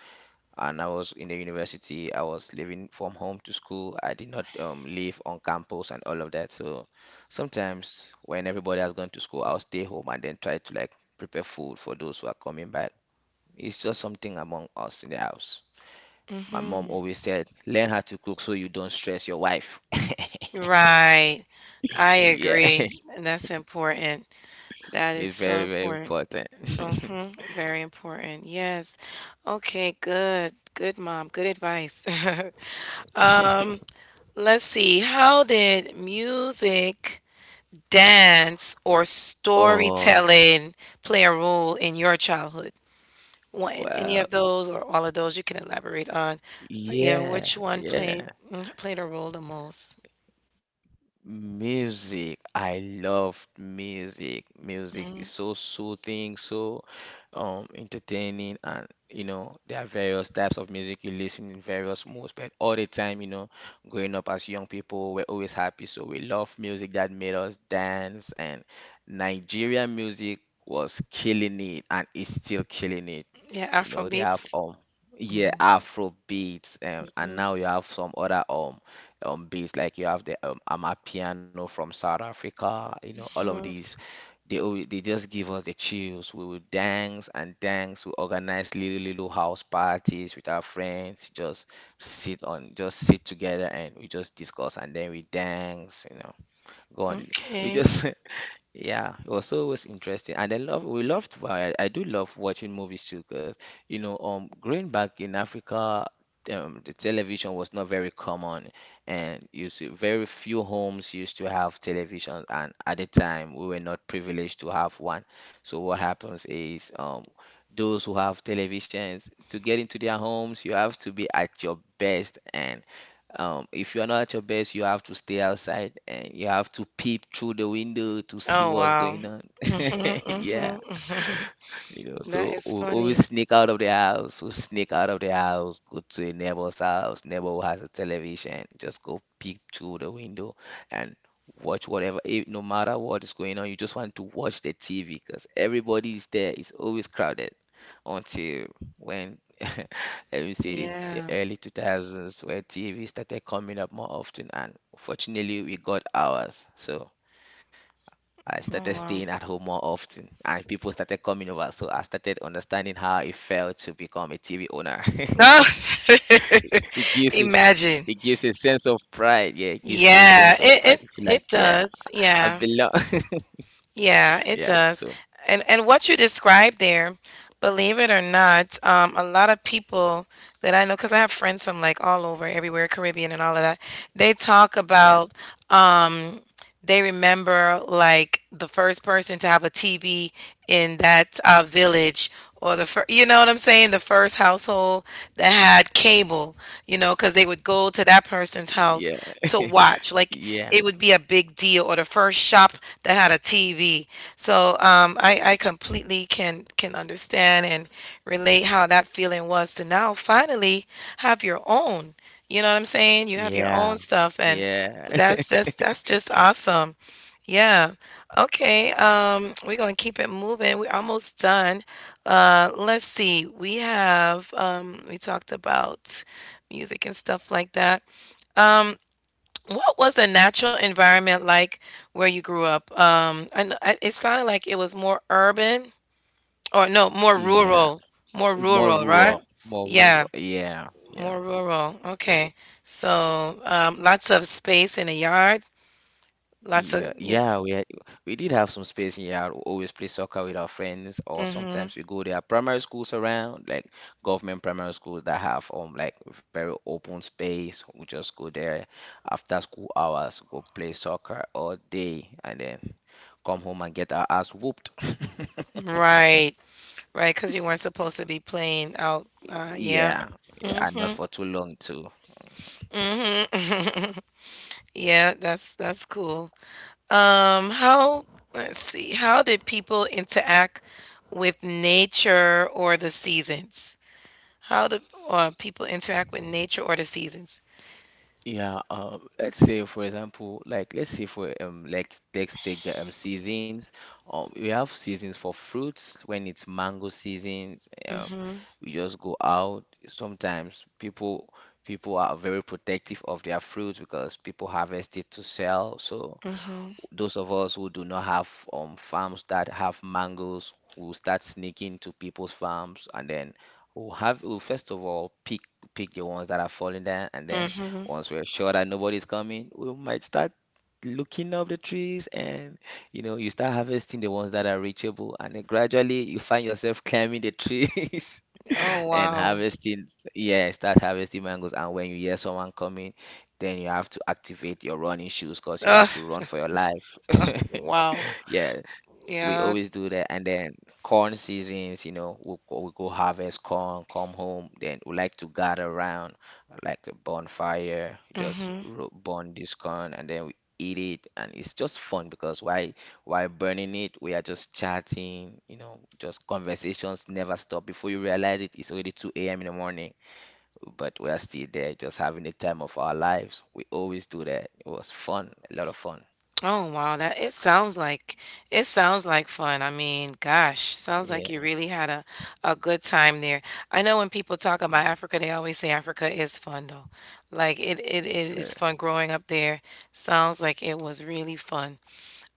and I was in the university, I was living from home to school. I did not live on campus and all of that. So sometimes when everybody has gone to school, I'll stay home and then try to like prepare food for those who are coming back. It's just something among us in the house. My mom hmm always said, learn how to cook so you don't stress your wife. *laughs* Right. I agree. Yes, And that's important. That is it's so very, very important. important. Hmm Very important. Yes. Okay, good. Good mom. Good advice. *laughs* Um, *laughs* let's see. How did music, dance, or Oh, storytelling play a role in your childhood? One, any well. of those or all of those you can elaborate on. Yeah, which Yeah, one yeah. Played a role the most? Music. I loved music. Music is Mm, so soothing, so entertaining. And you know, there are various types of music you listen in various moods, but all the time, you know, growing up as young people, we're always happy. So we love music that made us dance. And Nigerian music was killing it and is still killing it. yeah, You know, they have Afrobeats. Yeah, Mhm, Afro beats. And mhm, now you have some other beats, like you have the Amapiano from South Africa, you know, all of mhm. these, they always, they just give us the chills. We would dance and dance. We organize little house parties with our friends. Just just sit together and we just discuss and then we dance. You know, gone. We Okay. just, *laughs* yeah, it was always interesting, and I love we loved. Why I do love watching movies too, because you know, growing back in Africa, the television was not very common, and you see, very few homes used to have television, and at the time, we were not privileged to have one. So what happens is. Those who have televisions, to get into their homes, you have to be at your best, and if you're not at your best, you have to stay outside and you have to peep through the window to see Oh what's wow. going on. Mhm, *laughs* Yeah. mhm, mhm. You know, *laughs* That so is we always funny. sneak out of the house, go to a neighbor's house, neighbor who has a television, just go peek through the window and watch whatever, if, no matter what is going on, you just want to watch the TV because everybody is there, it's always crowded until when *laughs* let me say the Yeah. early 2000s where TV started coming up more often, and fortunately we got ours. So I started Oh staying at home wow. more often, and people started coming over. So I started understanding how it felt to become a TV owner. *laughs* No. It *laughs* gives us, Imagine. it gives a sense of pride. Yeah, it gives you a Yeah, sense of pride. it You it feel like, it yeah, does. I Yeah. belong. *laughs* Yeah, it Yeah. does. So And what you described there, believe it or not, a lot of people that I know, because I have friends from like all over, everywhere, Caribbean and all of that, they talk yeah, about. um. They remember like the first person to have a TV in that village or the first, you know what I'm saying? The first household that had cable, you know, because they would go to that person's house yeah, to *laughs* watch. Like yeah, it would be a big deal or the first shop that had a TV. So I completely can understand and relate how that feeling was to now finally have your own. You know what I'm saying? You have your yeah, own stuff and yeah, that's just awesome. Yeah. Okay. We're gonna keep it moving. We're almost done. Let's see. We have we talked about music and stuff like that. Um, what was the natural environment like where you grew up? It sounded like it was more urban or no, yeah. More More rural, right? rural, more Yeah. rural. Yeah, yeah. More rural. Okay. So, lots of space in a yard. Lots of, Yeah, yeah, we did have some space here. I always play soccer with our friends, or mm-hmm. sometimes we go. There are primary schools around, like government primary schools that have like very open space. We just go there after school hours, go play soccer all day, and then come home and get our ass whooped. *laughs* Right. Right. Because you weren't supposed to be playing out. Yeah. Yeah, yeah, and Mm-hmm. not for too long too. Mm-hmm. *laughs* Yeah, that's cool. Um, how, let's see, how did people interact with nature or the seasons? How do people interact with nature or the seasons? Yeah, let's say for let's take the seasons. We have seasons for fruits. When it's mango seasons, um, Mm-hmm. we just go out. Sometimes people are very protective of their fruits because people harvest it to sell. So Mm-hmm. those of us who do not have farms that have mangoes will start sneaking to people's farms, and then we'll first of all pick the ones that are falling down, and then Mm-hmm. once we're sure that nobody's coming, we might start looking up the trees, and you know, you start harvesting the ones that are reachable, and then gradually you find yourself *laughs* climbing the trees *laughs* and Oh, harvesting yeah start harvesting mangoes. And when you hear someone coming, then you have to activate your running shoes because you wow. have to *laughs* run for your life. *laughs* Wow. Yeah, we Yeah. always do that. And then corn seasons, you know, we'll go harvest corn, come home. Then we like to gather around like a bonfire, just Mm-hmm. Burn this corn, and then we eat it. And it's just fun because while burning it, we are just chatting, you know, just conversations never stop. Before you realize it, it's already 2 a.m. in the morning, but we are still there just having the time of our lives. We always do that. It was fun, a lot of fun. Oh, wow. That it sounds like fun. I mean, gosh, sounds Yeah, like you really had a good time there. I know when people talk about Africa, they always say Africa is fun though. Like it's it fair. is fun growing up there. Sounds like it was really fun.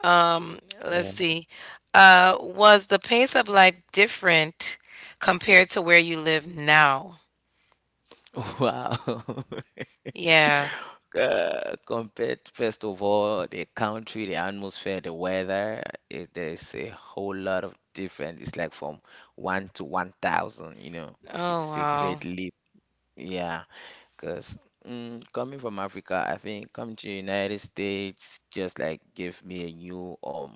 Um, let's Yeah. see. Was the pace of life different compared to where you live now? *laughs* Wow. *laughs* Yeah. Compared, first of all, the country, the atmosphere, the weather, there's a whole lot of difference. It's like from one to 1,000, you know. Oh, It's a wow. great leap. Yeah, because coming from Africa, I think coming to United States just like gave me a new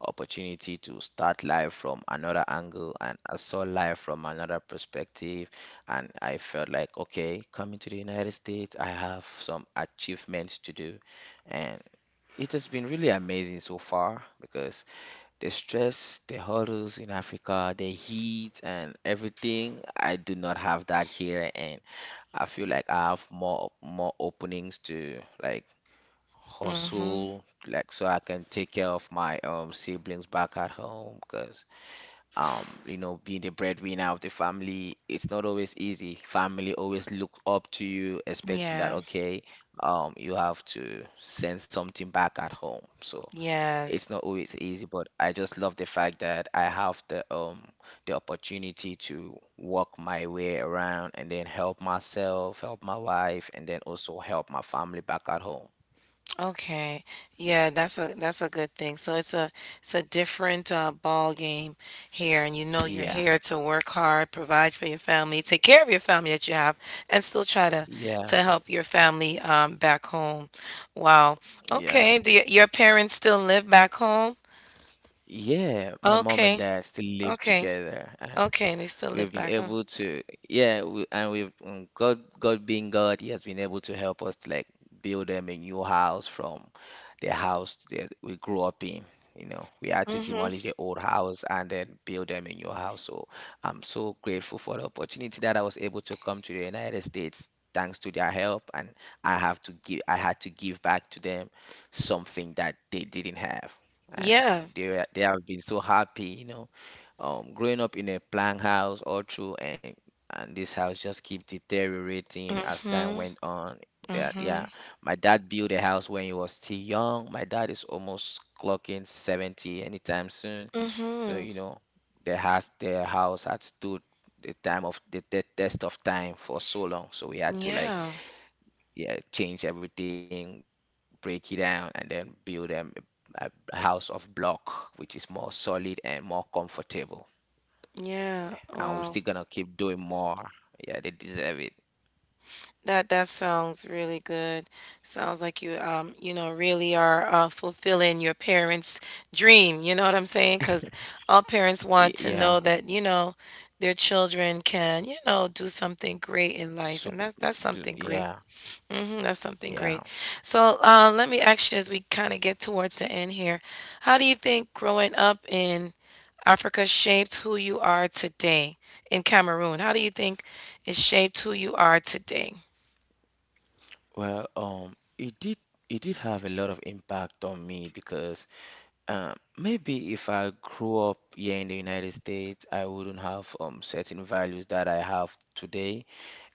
opportunity to start life from another angle, and I saw life from another perspective, and I felt like, okay, coming to the United States, I have some achievements to do, and it has been really amazing so far because the stress, the hurdles in Africa, the heat and everything, I do not have that here. And I feel like I have more openings to like Mm-hmm. hustle, like so I can take care of my siblings back at home. Because you know, being the breadwinner of the family, it's not always easy. Family always look up to you, expecting that, Yeah. okay, you have to send something back at home. So it's Yes. not always easy, but I just love the fact that I have the opportunity to work my way around and then help myself, help my wife, and then also help my family back at home. Okay. Yeah, that's a good thing. So it's a different ball game here, and you know you're Yeah, here to work hard, provide for your family, take care of your family that you have, and still try to yeah, help your family back home. Wow. yeah. Okay. Your parents still live back home? Yeah, my mom and Okay. dad still live Okay. together. Okay. They still We've live been back home. able to, yeah, and we've God being God, He has been able to help us to like build them a new house from the house that we grew up in. You know, we had to Mm-hmm. demolish the old house and then build them a new house. So I'm so grateful for the opportunity that I was able to come to the United States. Thanks to their help, and I had to give back to them something that they didn't have, and Yeah. They have been so happy, growing up in a plank house all through, and this house just keep deteriorating as time Mm-hmm. went on. That Mm-hmm. yeah My dad built a house when he was still young. My dad is almost clocking 70 anytime soon, so Mm-hmm. you know, the house had stood the test of time for so long. So we had to like, Yeah. yeah, change everything, break it down, and then build a house of block, which is more solid and more comfortable. Yeah. And we're still gonna Wow. keep doing more. Yeah, they deserve it. That that sounds really good. Sounds like you you know really are fulfilling your parents' dream. You know what I'm saying? Because all parents want to Yeah. know that you know their children can you know do something great in life, So and that's something great. yeah, Hmm That's something yeah. great. So let me ask you as we kind of get towards the end here, how do you think growing up in Africa shaped who you are today in Cameroon? How do you think it shaped who you are today? Well, it did, have a lot of impact on me, because maybe if I grew up here in the United States, I wouldn't have certain values that I have today,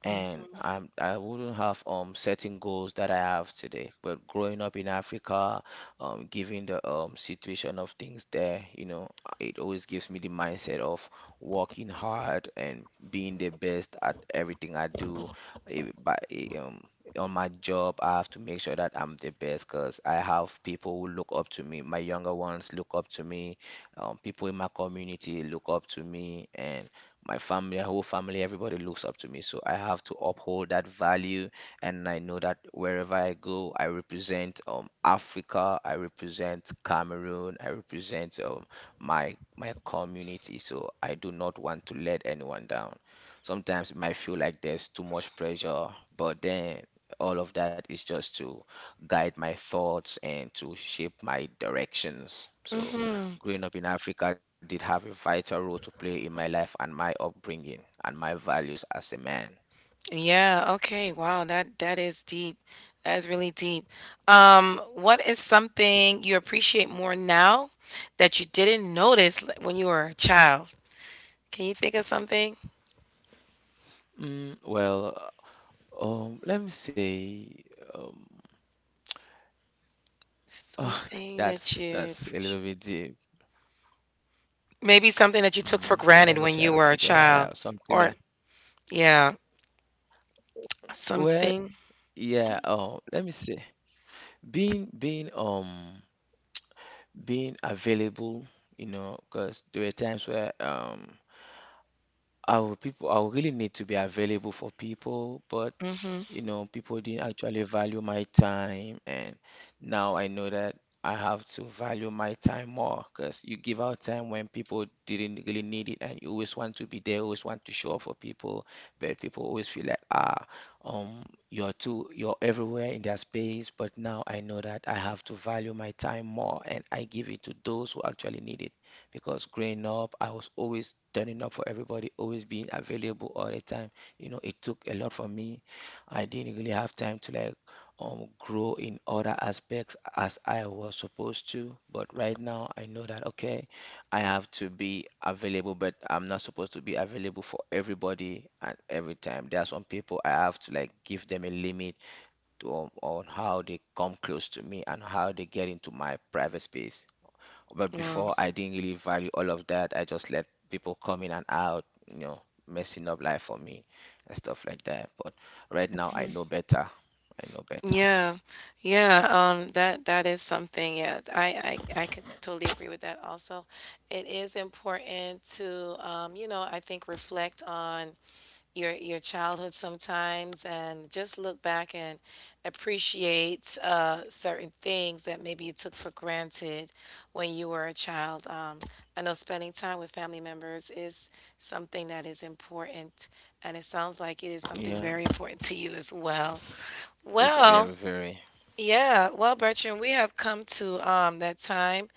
and I'm I wouldn't have certain goals that I have today. But growing up in Africa, given the situation of things there, you know, it always gives me the mindset of working hard and being the best at everything I do. Eh, By eh, um on my job, I have to make sure that I'm the best, because I have people who look up to me. My younger ones look up to me. People in my community look up to me, and my family, whole family, everybody looks up to me. So I have to uphold that value, and I know that wherever I go, I represent Africa, I represent Cameroon, I represent my community. So I do not want to let anyone down. Sometimes it might feel like there's too much pressure, but then all of that is just to guide my thoughts and to shape my directions. So Mhm. growing up in Africa did have a vital role to play in my life and my upbringing and my values as a man. Yeah, okay. Wow, that that is deep. That is really deep. What is something you appreciate more now that you didn't notice l- when you were a child? Can you think of something? Mm, well, let me say, um, *laughs* oh, Something that you that's a appreciate. little bit deep. Maybe something that you took Mm, for let me granted try when to you were a figure that out. child, Something that, or yeah, well, something. yeah, let me say, being being available, you know, because there were times where I would people I would really need to be available for people, but Mm-hmm. you know, people didn't actually value my time. And now I know that I have to value my time more, because you give out time when people didn't really need it, and you always want to be there, always want to show up for people, but people always feel like, um, you're everywhere in their space. But now I know that I have to value my time more, and I give it to those who actually need it. Because growing up, I was always turning up for everybody, always being available all the time. You know, it took a lot from me. I didn't really have time to like grow in other aspects as I was supposed to. But right now I know that okay, I have to be available, but I'm not supposed to be available for everybody and every time. There are some people I have to like give them a limit to on, how they come close to me and how they get into my private space. But Wow. before, I didn't really value all of that. I just let people come in and out, you know, messing up life for me and stuff like that. But right now, I know better. I know better. Yeah, yeah, that that is something. Yeah, I could totally agree with that. Also, it is important to, you know, I think reflect on your childhood sometimes and just look back and appreciate certain things that maybe you took for granted when you were a child. I know spending time with family members is something that is important, and it sounds like it is something Yeah, very important to you as well. it's Well. very, very. Yeah, well, Bertrand, we have come to that time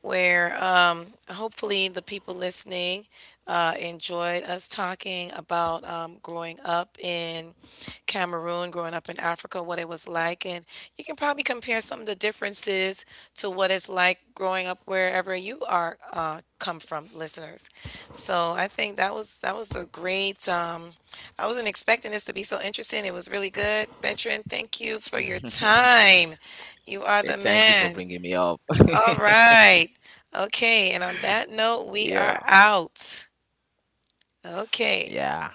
where hopefully the people listening enjoyed us talking about growing up in Cameroon, growing up in Africa, what it was like. And you can probably compare some of the differences to what it's like growing up wherever you are come from, listeners. So I think that was a great I wasn't expecting this to be so interesting. It was really good. Veteran, thank you for your *laughs* time. You are Eh, the thank you for man. bringing me up. *laughs* All right. Okay. And on that note, we Yeah, are out. Okay. yeah.